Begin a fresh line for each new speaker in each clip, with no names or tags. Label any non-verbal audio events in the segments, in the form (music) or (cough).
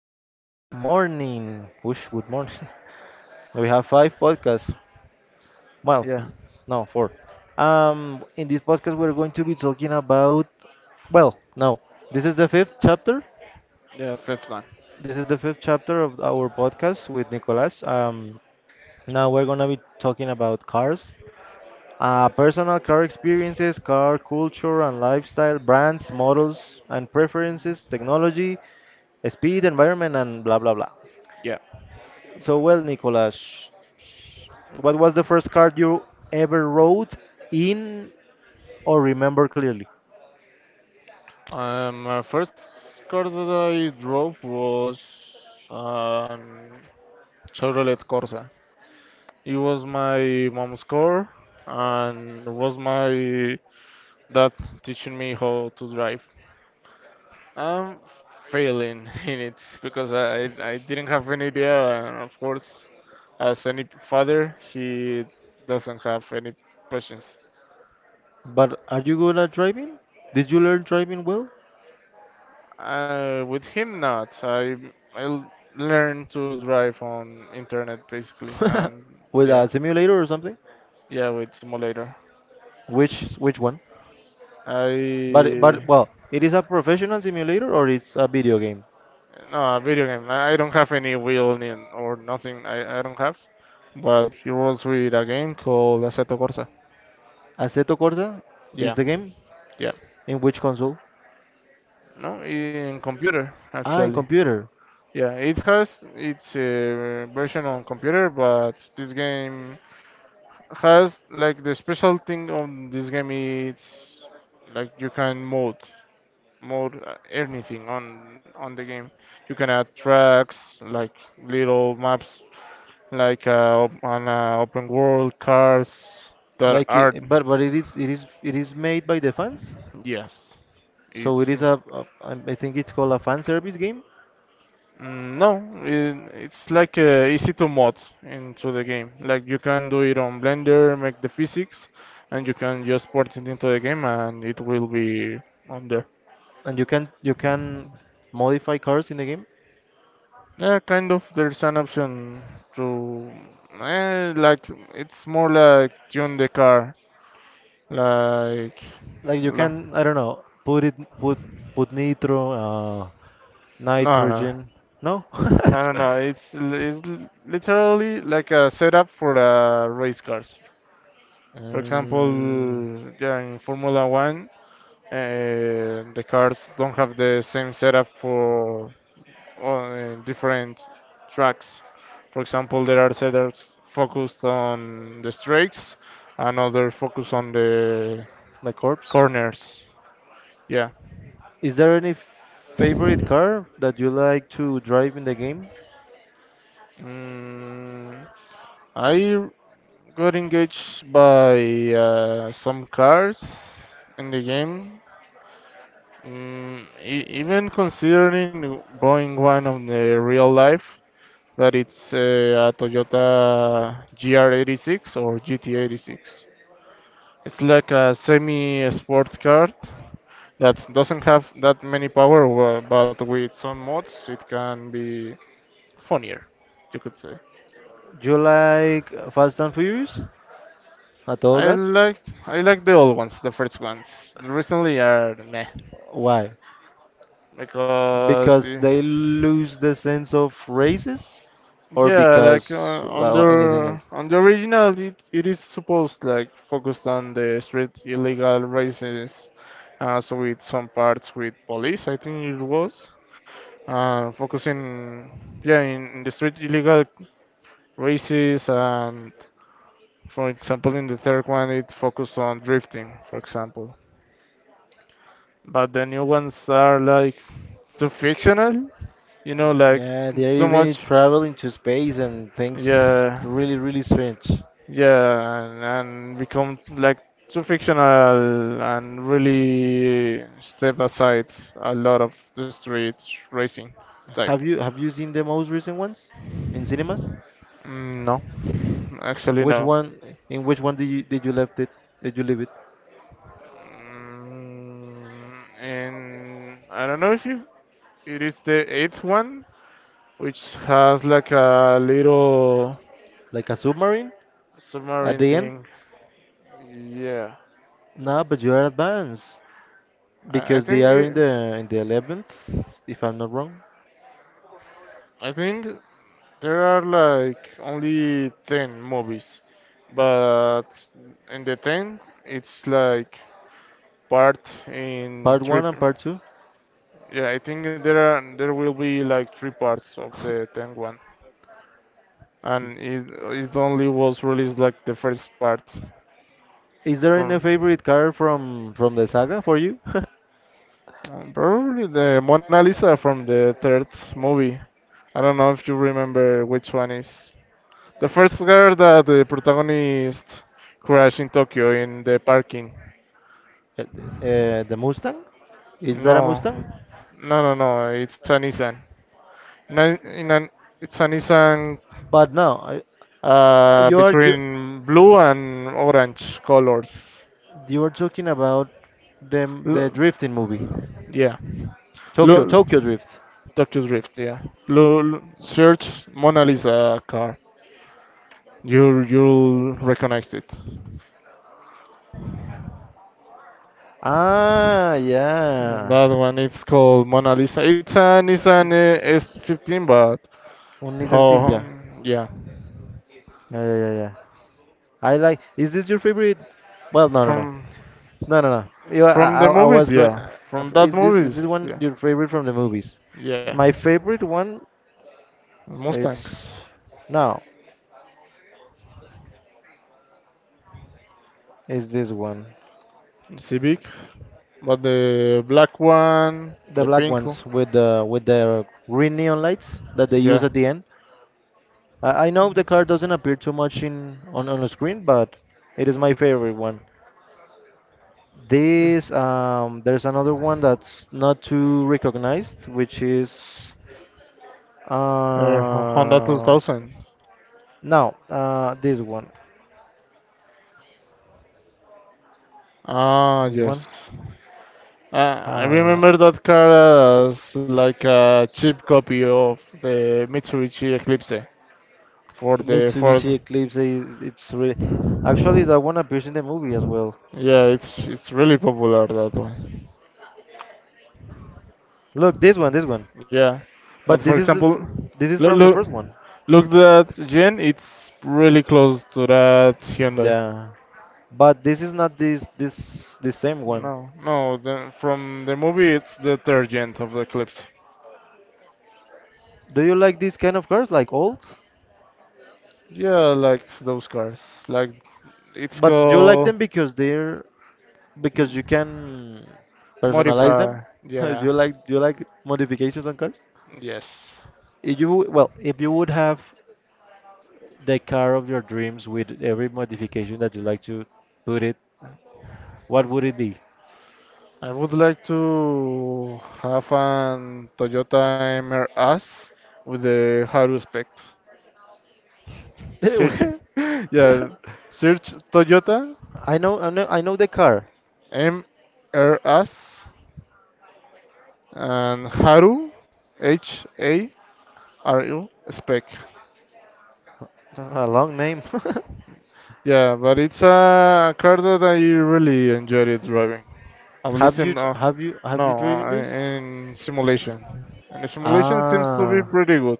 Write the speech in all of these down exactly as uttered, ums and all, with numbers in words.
good morning. Whoosh, good morning. (laughs) We have five podcasts. Well,
Yeah.
n- no, four. Um, in this podcast, we're going to be talking about. Well, no, this is the fifth chapter.
Yeah, fifth one.
This is the fifth chapter of our podcast with Nicolas. Um, now we're gonna be talking about cars, uh, personal car experiences, car culture and lifestyle, brands, models and preferences, technology, speed, environment, and blah blah blah.
Yeah.
So, well, Nicolas, what was the first card you ever rode in or remember clearly?
Um, my first car that I drove was um, Chevrolet Corsa. It was my mom's car, and it was my dad teaching me how to drive. I'm failing (laughs) in it because I I didn't have any idea, and of course, as any father, he doesn't have any patience.
But are you good at driving? Did you learn driving well?
Uh, with him, not. I I l- learned to drive on internet basically,
(laughs)
and
With a
yeah,
simulator or something?
yeah, with simulator.
Which which one? But but
I
well, it is a professional simulator or it's a video game?
No, a video game. I, I don't have any wheel ni- or nothing. I, I don't have. But it was with a game called Assetto Corsa.
Assetto Corsa is
Yeah,
the game.
yeah.
In which console?
No, in computer
Ah, in
actually.
computer.
Yeah, it has its uh, version on computer, but this game has like the special thing on this game is like you can mode mode uh, anything on on the game. You can add tracks like little maps like uh, op- on uh, open world cars that
Like,
are.
it, but but it is it is it is made by the fans,
Yes
so it
it's
is
mm,
a, a I I think it's called a fan service game.
no it, it's like uh, easy to mod into the game, like you can do it on blender, make the physics, and you can just port it into the game, and it will be on there.
And you can you can modify cars in the game.
Yeah, kind of. There's an option to, eh, like, it's more like tune the car. Like,
Like, you
la,
can, I don't know, put it put put nitro, uh,
no, no,
nitrogen. No,
no, no,
(laughs)
no. It's l- it's l- literally like a setup for uh, race cars. For example,
mm,
yeah, in Formula One, uh, the cars don't have the same setup for on different tracks. For example, there are setters focused on the straights, and others focus on the
the corpse.
corners. Yeah.
Is there any favorite car that you like to drive in the game?
Mm, I got engaged by uh, some cars in the game. Mm, e- even considering buying one on the real life, that it's uh, a Toyota G R eighty-six or G T eighty-six. It's like a semi sport card that doesn't have that many power, wa- but with some mods it can be funnier, you could say.
Do you like Fast and Furious? A todo
I
gas?
liked I like the old ones, the first ones. The recently are meh
Why?
because
Because
eh,
they lose the sense of races, or
yeah, like
because
uh, on
uh, anything
the
else?
on the original, it, it is supposed, like, focused on the street illegal races, uh, so with some parts with police, I think it was. Uh, focusing, yeah, in, in the street illegal races, and for example in the third one it focused on drifting, for example, but the new ones are like too fictional, you know
Mm,
like
Yeah, they're
too
even
much.
traveling to space and things
Yeah,
really, really strange.
yeah, and, and become like too fictional and really step aside a lot of the street racing type.
Have you have you seen the most recent ones in cinemas?
Mm, no. Actually,
Which
no.
one? In which one did you did you left it? Did you leave it?
Mm, and I don't know if you it is the eighth one, which has like a little
Like a submarine at
submarine
the end?
thing. Yeah,
No, but you are advanced
I, I
because they
think
are in
it,
the in the eleventh, if I'm not wrong.
I think there are like only ten movies, but in the ten it's like part
Part
in
one
three.
and
p-
part two.
Yeah, I think there are there will be like three parts of the ten one. and it, it only was released like the first part.
Is there any
From,
favorite car from from the saga for you? (laughs)
uh, probably the Mona Lisa from the third movie. I don't know if you remember which one is the first girl that the protagonist crashed in Tokyo in the parking.
Uh, the Mustang? Is that a
No,
Mustang?
no, no, no. It's a Nissan. In a, in an, It's a Nissan,
But no, I, uh,
uh,
you are you
between blue and orange colors.
you are talking about the the drifting movie,
Yeah.
Tokyo
Look,
Tokyo Drift.
Tokyo Drift. Yeah. Look, search Mona Lisa car. You you'll recognize it.
Ah, yeah.
That one it's called Mona Lisa. It's a Nissan,
It's
uh, S fifteen, but
on Nissan
oh,
Silvia.
yeah.
Yeah, yeah, yeah, yeah. I like. Is this your favorite? Well, no, no, no,
From
no, no, no. You, I,
from
I
the
I was
movies,
going,
yeah.
uh,
From that
Is this is
movies,
this one
yeah,
your favorite from the movies?
yeah.
My favorite one,
Mustang,
it's no, is this one.
Civic, but the black one,
The
the
black
pink one,
ones with the with the green neon lights that they
yeah.
use at the end. I, I know the car doesn't appear too much in on, on the screen, but it is my favorite one. This um, There's another one that's not too recognized, which is
Uh, Honda
uh,
two thousand.
no, uh, this one.
Ah,
This
yes.
one.
Uh, I
Uh,
remember that car as like a cheap copy of the Mitsubishi Eclipse for
the
the
Mitsubishi
Ford.
Eclipse is it's really, actually that one appears in the movie as well.
Yeah, it's it's really popular that one.
Look, this one, this one.
Yeah, but
But
for
this is the,
example,
fir- this is
look
from the
look
first one.
look that Gen. It's really close to that Hyundai.
Yeah. But this is not this this the same one.
No, no. The, from the movie, it's the third gen of the Eclipse.
Do you like these kind of cars like old?
Yeah, I liked those cars. Like it's
But you like
called.
them because they're because you can personalize them?
Modify,
(laughs) Do
yeah,
you like do you like modifications on cars?
yes.
If you w- Well, if you would have the car of your dreams with every modification that you like to put it, what would it be?
I would like to have an Toyota M R-S with the Haru spec. Search,
(laughs)
(laughs) yeah, search Toyota
I know I know I know the car.
M R S and Haru H A R U spec.
A long name. (laughs)
Yeah, but it's a car that I really enjoyed it driving. At
Have
least
you
in uh,
have you have you
no,
driven
uh,
this?
in simulation, and the simulation seems to be
Ah,
pretty good.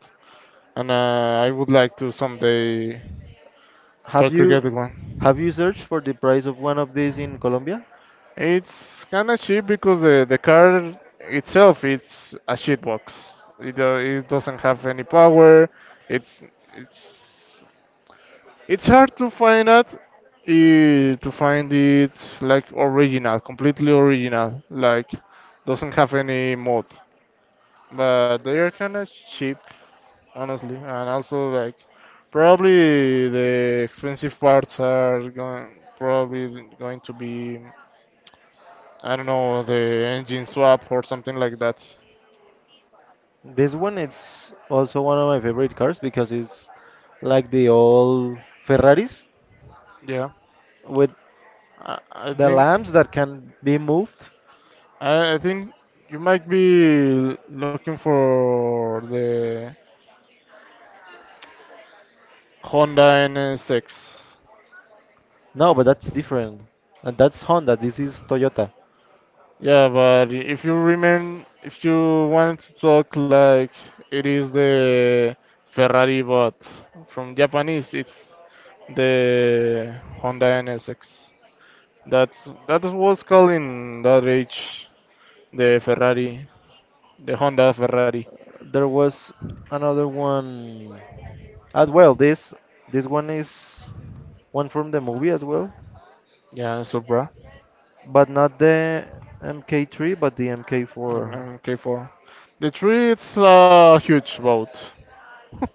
and uh, I would like to someday
have
try to
you
get one.
have you searched for the price of one of these in Colombia?
It's kind of cheap because the, the car itself it's a shitbox. It, uh, it doesn't have any power. It's it's it's hard to find out, eh, to find it like original, completely original, like doesn't have any mod. But they are kind of cheap, honestly. And also, like, probably the expensive parts are going, probably going to be, I don't know, the engine swap or something like that.
This one is also one of my favorite cars because it's like the old Ferraris
Yeah,
with
I, I
the
think.
lamps that can be moved.
I, I think you might be looking for the Honda N S X.
No, but that's different. And that's Honda. This is Toyota.
Yeah, but if you remain, if you want to talk like it is the Ferrari, but from Japanese, it's the Honda N S X. That's that was called in that age the Ferrari, the Honda Ferrari.
There was another one as well. This this one is one from the movie as well.
Yeah, Supra,
But not the mark three, but the
and,
mark four.
and K four. The tree it's a huge boat. (laughs)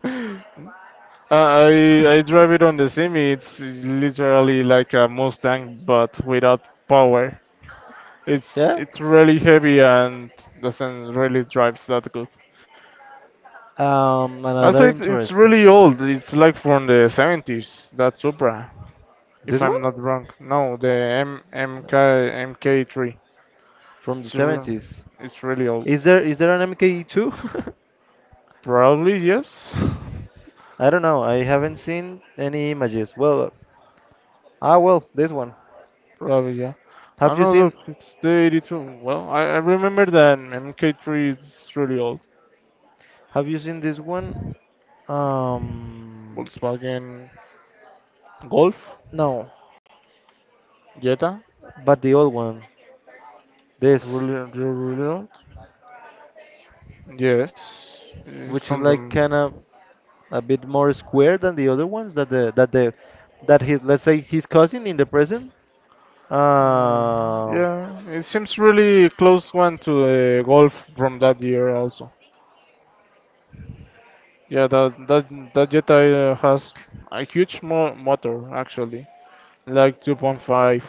I I drive it on the semi. It's literally like a Mustang but without power. It's
Yeah.
it's really heavy and doesn't really drives that good.
Um,
Also,
another
it's it's
interesting.
really old. It's like from the seventies, that Supra. If
This
I'm
one?
not wrong. No, the M MK M K three.
From the
It's r-
seventies.
it's really old.
Is there is there an M K two?
Probably yes.
(laughs) I don't know. I haven't seen any images. Well, ah, well, this one.
(laughs) Probably yeah. I
Have you
know. Look,
seen
it's the eighty-two. Well, I, I remember that M K three is really old.
Have you seen this one? Um,
Volkswagen Golf
No,
Jetta.
but the old one. This,
Really, really, really old. Yes, it's
which is
from the.
like
M-
kind of a bit more square than the other ones that the that the that his let's say his cousin in the present,
Mm,
uh
yeah, it seems really close one to the Golf from that year also. Yeah, the the the Jetta uh, has a huge mo motor actually, like two point five.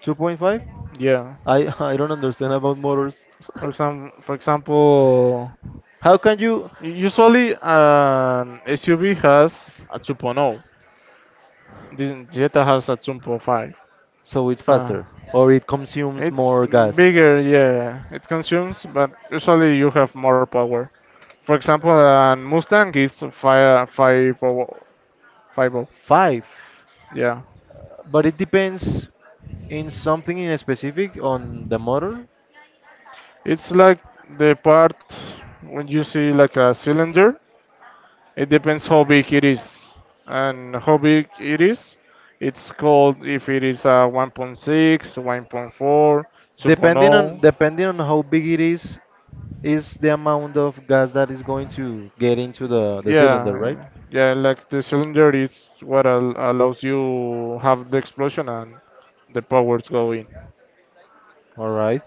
two point five.
Yeah.
i (laughs) I don't understand about motors. (laughs)
For example, for example,
How can you,
u- usually an S U V has a 2.0. This Jetta has a two point five.
so it's
Uh,
faster or it consumes
it's
more gas?
bigger, yeah. It consumes, but usually you have more power. For example, an Mustang is five five oh, five oh.
five.
Yeah.
But it depends in something in specific on the motor.
It's like the part when you see like a cylinder. It depends how big it is, and how big it is. It's called if it is a one point six, one point four, yeah,
depending on
2.0.
depending on how big it is is the amount of gas that is going to get into the the cylinder, right?
Yeah, yeah. Like the cylinder is what al- allows you have the explosion and the powers go in.
All right.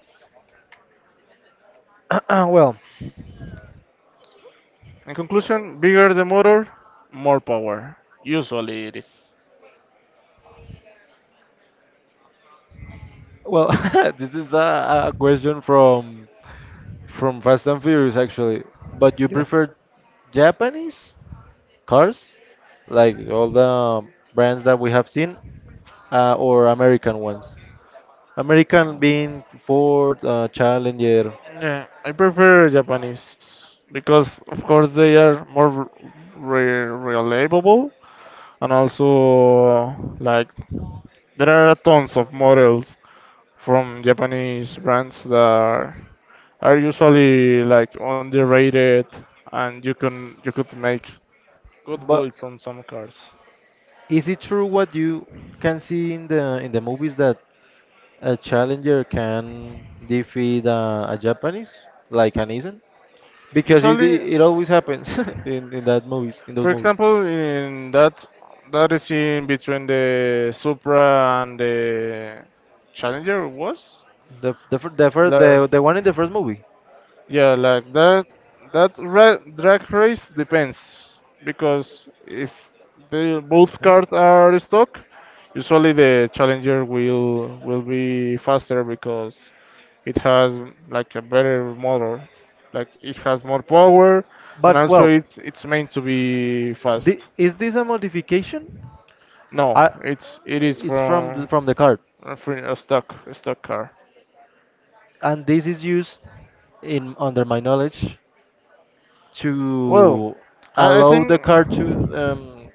(clears throat) well
In conclusion, bigger the motor, more power. Usually it is.
Well, (laughs) this is a, a question from from Fast and Furious, actually. But you
Yeah.
prefer Japanese cars, like all the brands that we have seen, uh, or American ones? American being Ford, uh, Challenger.
Yeah, I prefer Japanese because, of course, they are more re- reliable and also like there are tons of models from Japanese brands that are, are usually like underrated, and you can you could make good
But
builds on some cars.
is it true what you can see in the in the movies that a Challenger can defeat, uh, a Japanese, like an Nissan? Because it
Usually,
it it always happens (laughs) in in that movies in those
for
movies.
example, in that that is in between the Supra and the Challenger was.
The f- the fir- the first
La,
the the one in the first movie.
Yeah, like that. That ra- drag race depends because if the both
Hmm?
cars are stuck, usually the challenger will will be faster because it has like a better motor, like it has more power, and
But
also
well,
it's it's meant to be
thi-
fast.
is this a modification?
No,
I,
it's it is
it's from the,
from
from the card,
from a stock a stock car.
and this is used in under my knowledge
Well,
to
I, I
allow
think.
the car to, um,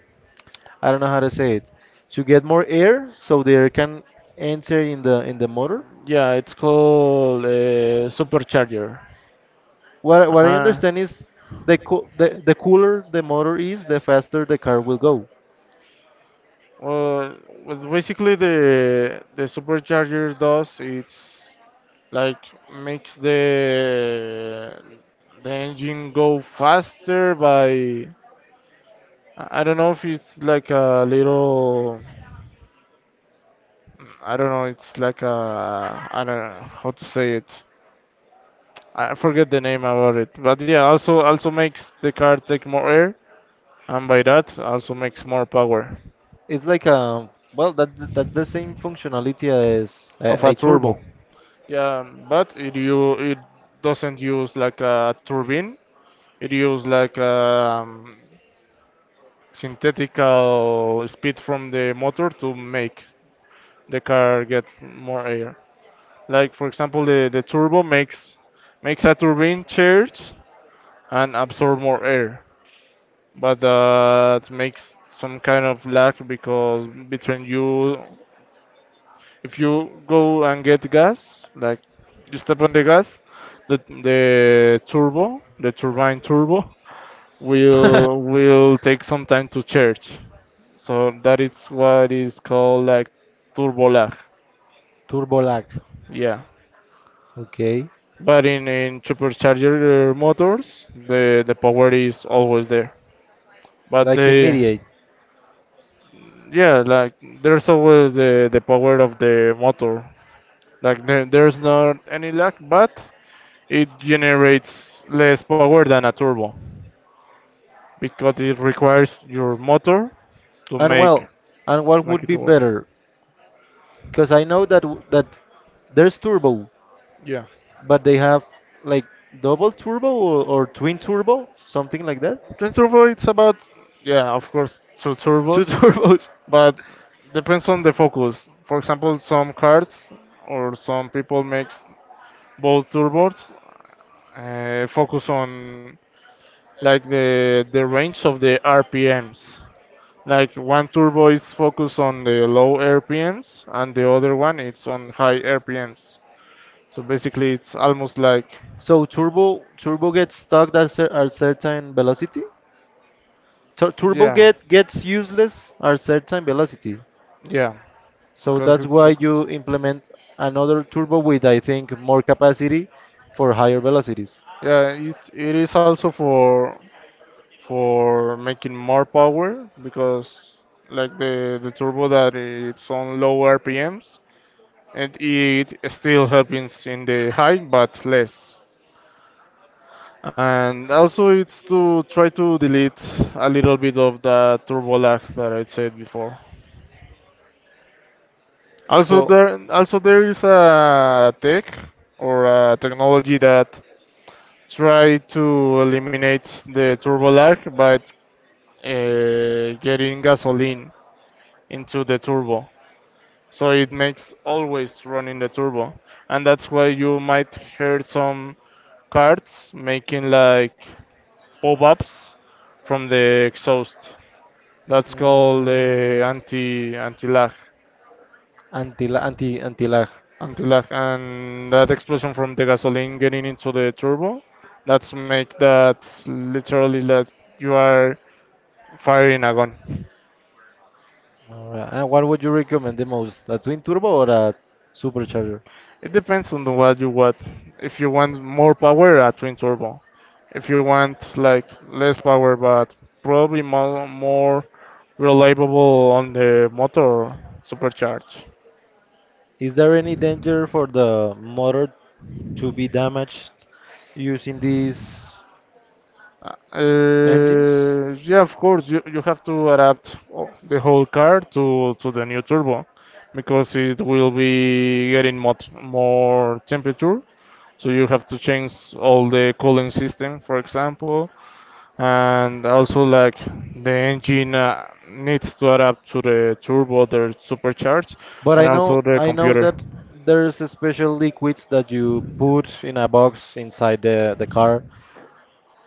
I don't know how to say it, to get more air, so the air can enter in the in the motor.
Yeah, it's called uh, supercharger.
What what I
Uh,
understand is, the co- the the cooler the motor is, the faster the car will go.
well, well, basically the the supercharger does. It's like makes the the engine go faster by, I I don't know if it's like a little. I don't know, it's like a, I don't know how to say it. I forget the name about it, but yeah, also also makes the car take more air, and by that also makes more power
It's like, a well, that that the same functionality as
of
a,
a
a turbo.
turbo. Yeah, but it you it doesn't use like a turbine. It use like um synthetical speed from the motor to make the car get more air. Like, for example, the, the turbo makes makes a turbine charge and absorb more air, but that makes some kind of lag because between you if you go and get gas, like you step on the gas, the the turbo, the turbine turbo will
(laughs)
will take some time to charge. So that is what is called like turbo lag.
Turbo lag.
Yeah.
Okay.
But in, in supercharger uh, motors, the, the power is always there. But
Like in
the
Mediate.
yeah, like there's always the, the power of the motor. Like there, there's not any lag, but it generates less power than a turbo because it requires your motor to
And,
make
well, and what
make
would
it
be
work.
better? Because I know that w- that there's turbo,
Yeah,
but they have like double turbo or, or twin turbo, something like that.
the turbo it's about, yeah, of course, two
Two (laughs)
turbos,
turbos.
but depends on the focus. For example, some cars or some people makes both turbos uh, focus on like the the range of the R P Ms. Like one turbo is focused on the low R P Ms and the other one it's on high R P Ms. So basically, it's almost like.
So turbo turbo gets stuck at cer- at certain velocity. Tur turbo
Yeah,
get gets useless at certain velocity.
yeah,
So
because
that's
it
why
focus.
you implement another turbo with, I think, more capacity for higher velocities.
Yeah, it it is also for for making more power because like the the turbo that it's on low R P Ms and it still happens in the high but less. And also it's to try to delete a little bit of the turbo lag that I said before. Also
So,
there also there is a tech or a technology that try to eliminate the turbo lag by uh, getting gasoline into the turbo. So it makes always running the turbo. And that's why you might hear some cars making like pop-ups from the exhaust. That's called
mm,
uh, anti anti lag,
anti anti anti lag.
anti lag, and that explosion from the gasoline getting into the turbo. That's make that literally that you are fire in a gun.
Alright. And what would you recommend the most, a twin turbo or a supercharger?
It depends on what you want. If you want more power, a twin turbo. If you want like less power, but probably more, more reliable on the motor supercharged.
Is there any danger for the motor to be damaged using these engines?
Uh, yeah, of course, you, you have to adapt o- the whole car to, to the new turbo because it will be getting much more temperature. So you have to change all the cooling system, for example. And also like the engine uh, needs to adapt to the turbo, the supercharge,
But
and
I know
also the
I know
computer.
that there's a special liquids that you put in a box inside the, the car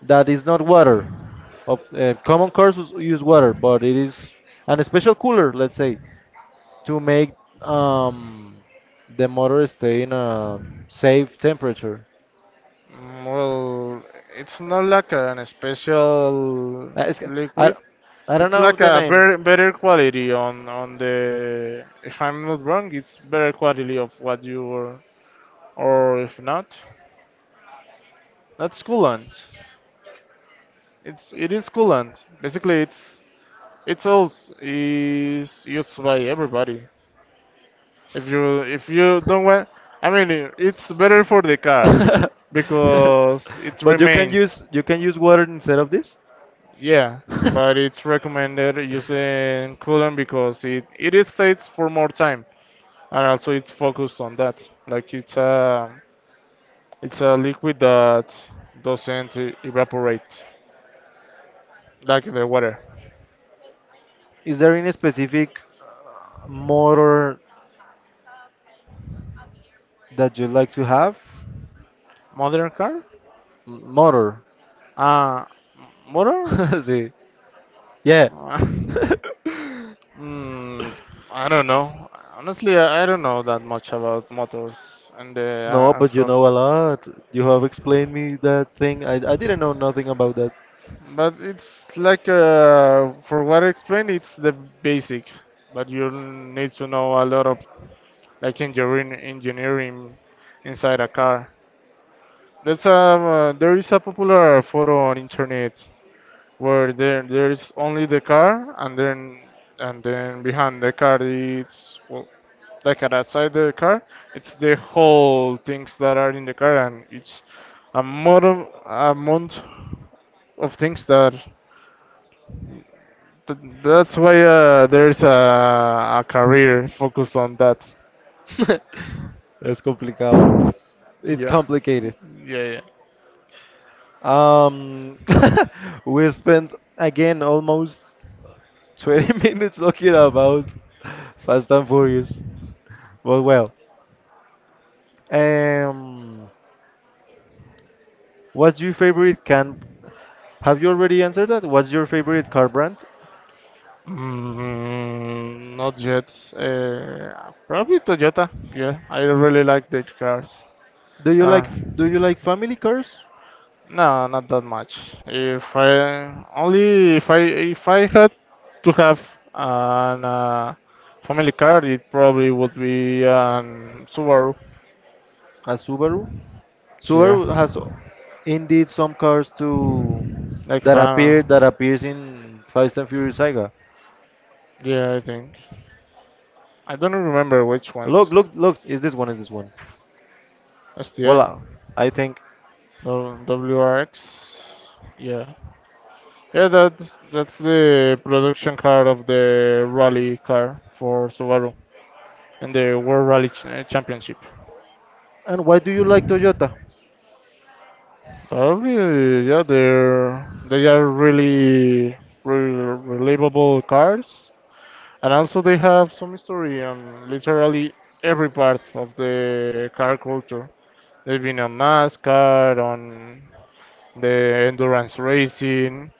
that is not water. Of- Uh, common cars us- use water, but it is an special cooler, let's say, to make, um, the motor stay in a safe temperature.
Mm, well, it's not like an special
Uh, it's, I,
liquid.
I don't
It's
know
like
the
a
name.
better, better quality on on the. If I'm not wrong, it's better quality of what you were, or if not, that's coolant. It's it is coolant. Basically, it's it's all is used by
(laughs)
everybody. If you if you don't want, I mean, i- it's better for the car
looks
because it
(laughs) But you, yeah, can, yeah,
remains.
use you can use water instead of this?
Yeah,
(laughs)
but it's recommended using coolant because it it stays for more time and also it's focused on that. Like it's a it's a liquid that doesn't e- evaporate like the water.
Is there any specific, uh, motor that you like to have?
Modern car?
M- Motor.
Uh, Motor?
(laughs) See, yeah.
Uh,
(laughs)
(laughs) mm, I don't know. Honestly, I I don't know that much about motors and the
No,
uh,
but you
actual.
know a lot. You have explained me that thing. I, I didn't know nothing about
But it's like, uh, for what I explained, it's the basic. But you need to know a lot of like engineering, engineering inside a car. That's um, uh, There is a popular photo on internet where there there is only the car and then and then behind the car it's well, like at outside the car. It's the whole things that are in the car, and it's a model amount of things that. th- That's why uh, there's a, a career focused on that.
that. (laughs) That's complicado. It's
Yeah.
complicated.
Yeah, yeah.
Um, (laughs) we spent again almost twenty (laughs) minutes talking about Fast and Furious. Well, well. Um, what's your favorite can? Have you already answered that? What's your favorite car brand?
Mm, not yet. Uh, probably Toyota. Yeah, I really like their cars.
Do you
I
like do
don't. know.
you like family cars?
No, not that much. If I only if I if I had to have an uh, family car, it probably would be an Subaru.
A Subaru?
Yeah,
Subaru has indeed some cars to
like
that appear that
fan.
appears in Fast and Furious Saga.
Yeah, I think. I don't remember which
Look,
ones.
look, look! Is this one? Is this one? Well,
S T I,
uh, I think.
W- WRX. Yeah, yeah. That's that's the production car of the rally car for Subaru and the World Rally Ch- Championship.
And why do you like Toyota?
Probably, yeah, they're they are really, really reliable cars, and also they have some history on literally every part of the car culture. They've been on NASCAR, on the endurance racing,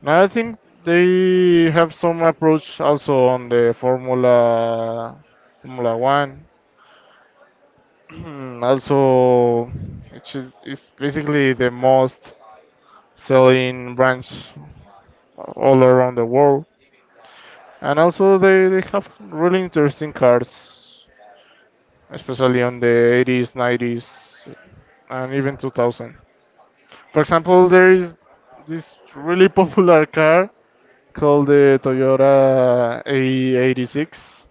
and I think they have some approach also on the Formula Formula One. (clears throat) Also, it's it's basically the most selling branch all around the world. And also, they, they have really interesting cars, especially on the eighties, nineties, and even two thousand. For example, there is this really (laughs) popular car called the Toyota A eighty-six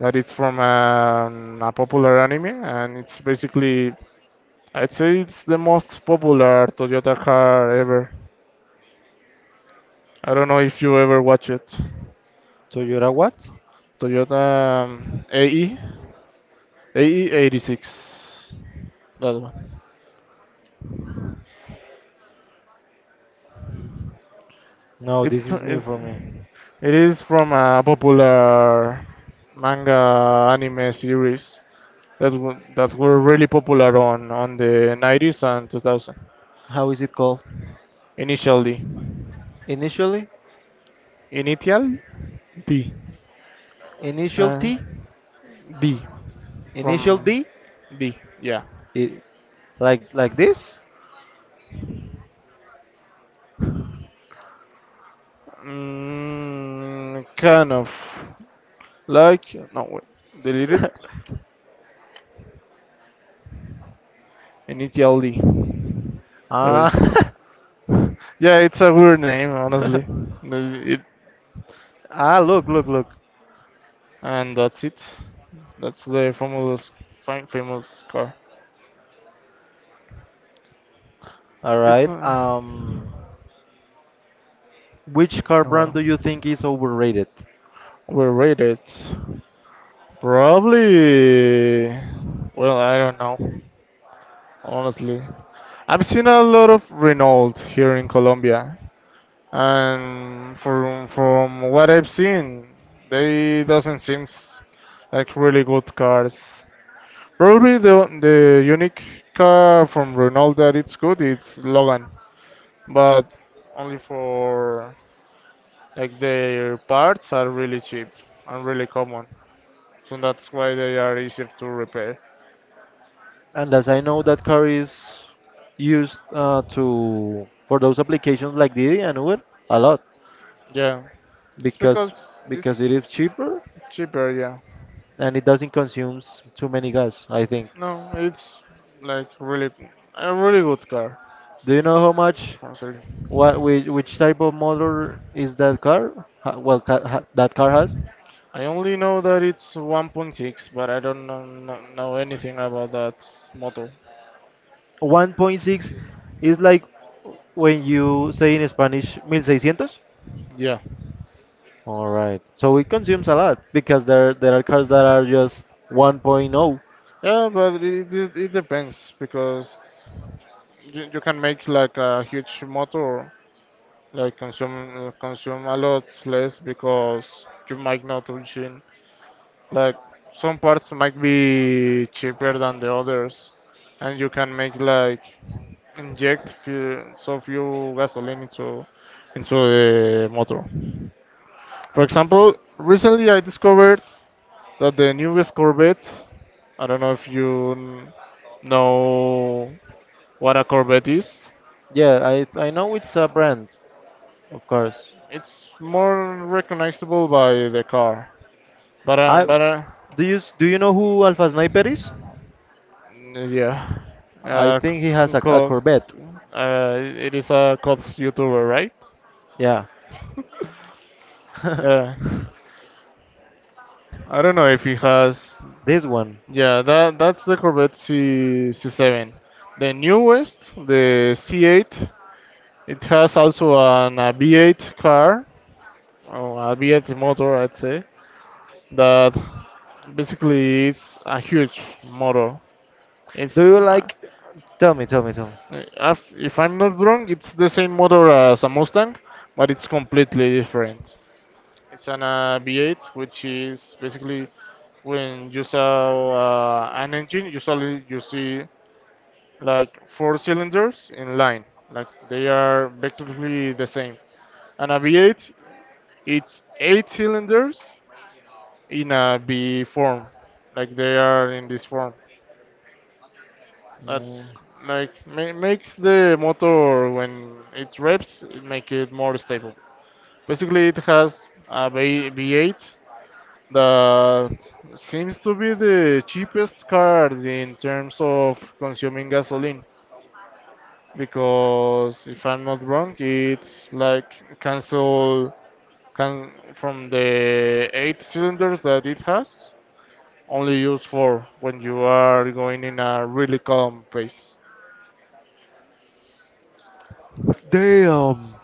that is from an, a popular anime, and it's basically, I'd say it's the most popular Toyota car ever. I don't know if you ever watch it.
Toyota what?
Toyota um, A E. A E eighty-six. That one.
No, this
It's,
is new
it's
for me.
it is from a popular manga anime series that wa- that were really popular on on the nineties and two thousand.
How is it called?
Initially,
Initially,
Initial D,
initial
uh,
T,
D
initial
from
D,
D. Yeah,
it, like like this.
mm, kind of like no wait, delete it.
(laughs)
Initial D. There is.
Ah,
(laughs) Yeah, it's a weird name, honestly.
(laughs)
The- It,
ah! Look, look, look.
and that's it. That's the famous, fam- famous car.
All
It's
right.
uh,
Um, which car
oh
brand
well.
do you think is overrated?
We're rated. Probably. Well, I don't know. Honestly, I've seen a lot of Renault here in Colombia, and from from what I've seen, they doesn't seem like really good cars. Probably the the unique car from Renault that it's good it's Logan, but only for like their parts are really cheap and really common, so that's why they are easier to repair.
And as I know, that car is used, uh, to for those applications like Didi and Uber a lot
Yeah, it's
because
because
because
it's
it is cheaper
cheaper. Yeah,
and it doesn't consumes too many gas, I think.
no, it's like really a really good car.
Do you know how much
Honestly,
what which, which type of motor is that car? Ha- Well, ca ha, that car has
I only know that it's one point six, but I don't know, know anything about that model.
one point six is like when you say in Spanish sixteen hundred.
Yeah.
All right. So it consumes a lot because there there are cars that are just 1.0.
Yeah, but it, it, it depends because you, you can make like a huge motor, like consume uh, consume a lot less because you might not reaching like some parts might be cheaper than the others, and you can make like inject few, so few gasoline into into the motor. For example, recently I discovered that the newest Corvette, I don't know if you n- know what a Corvette is.
Yeah, I I know it's a brand, of course.
It's more recognizable by the car, but uh,
I
but uh,
do you s- Do you know who Alpha Sniper is?
yeah,
I
uh,
think he has
c-
a, a
co-
Corvette.
uh, it is a COTS YouTuber, right?
Yeah,
Yeah,
(laughs)
I don't know if he has.
this one.
Yeah, that that's the Corvette C C7. The newest, the C eight, it has also an a V eight car, or a V eight motor, I'd say. That basically it's a huge motor. It's
Do you
uh,
like? Tell me, tell me, tell me.
if, if I'm not wrong, it's the same motor as a Mustang, but it's completely different. It's an uh, V eight, which is basically when you saw uh, an engine, usually you see like four cylinders in line, like they are basically the same. And a V eight, it's eight cylinders in a V form, like they are in this form. That's
Mm,
like ma- make the motor when it revs, it make it more stable. Basically, it has a V- V8 that seems to be the cheapest car in terms of consuming gasoline because if I'm not wrong, it's like cancel can from the eight cylinders that it has, only use four when you are going in a really calm pace.
Damn.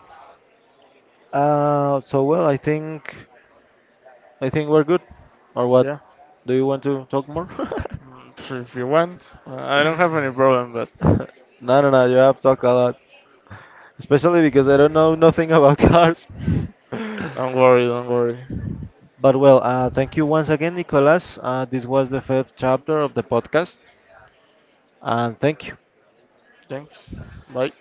Uh, so, well, I think I think we're good, or what? Do you want to talk more? (laughs)
Mm, If if you want, uh, I don't have any problem, but
No, no, no. You have talked a lot, especially because I don't know nothing about (laughs) cars.
(laughs) don't worry, don't worry.
But well, uh, thank you once again, Nicolas. Uh, this was the first chapter of the podcast, and thank you.
Thanks. Bye.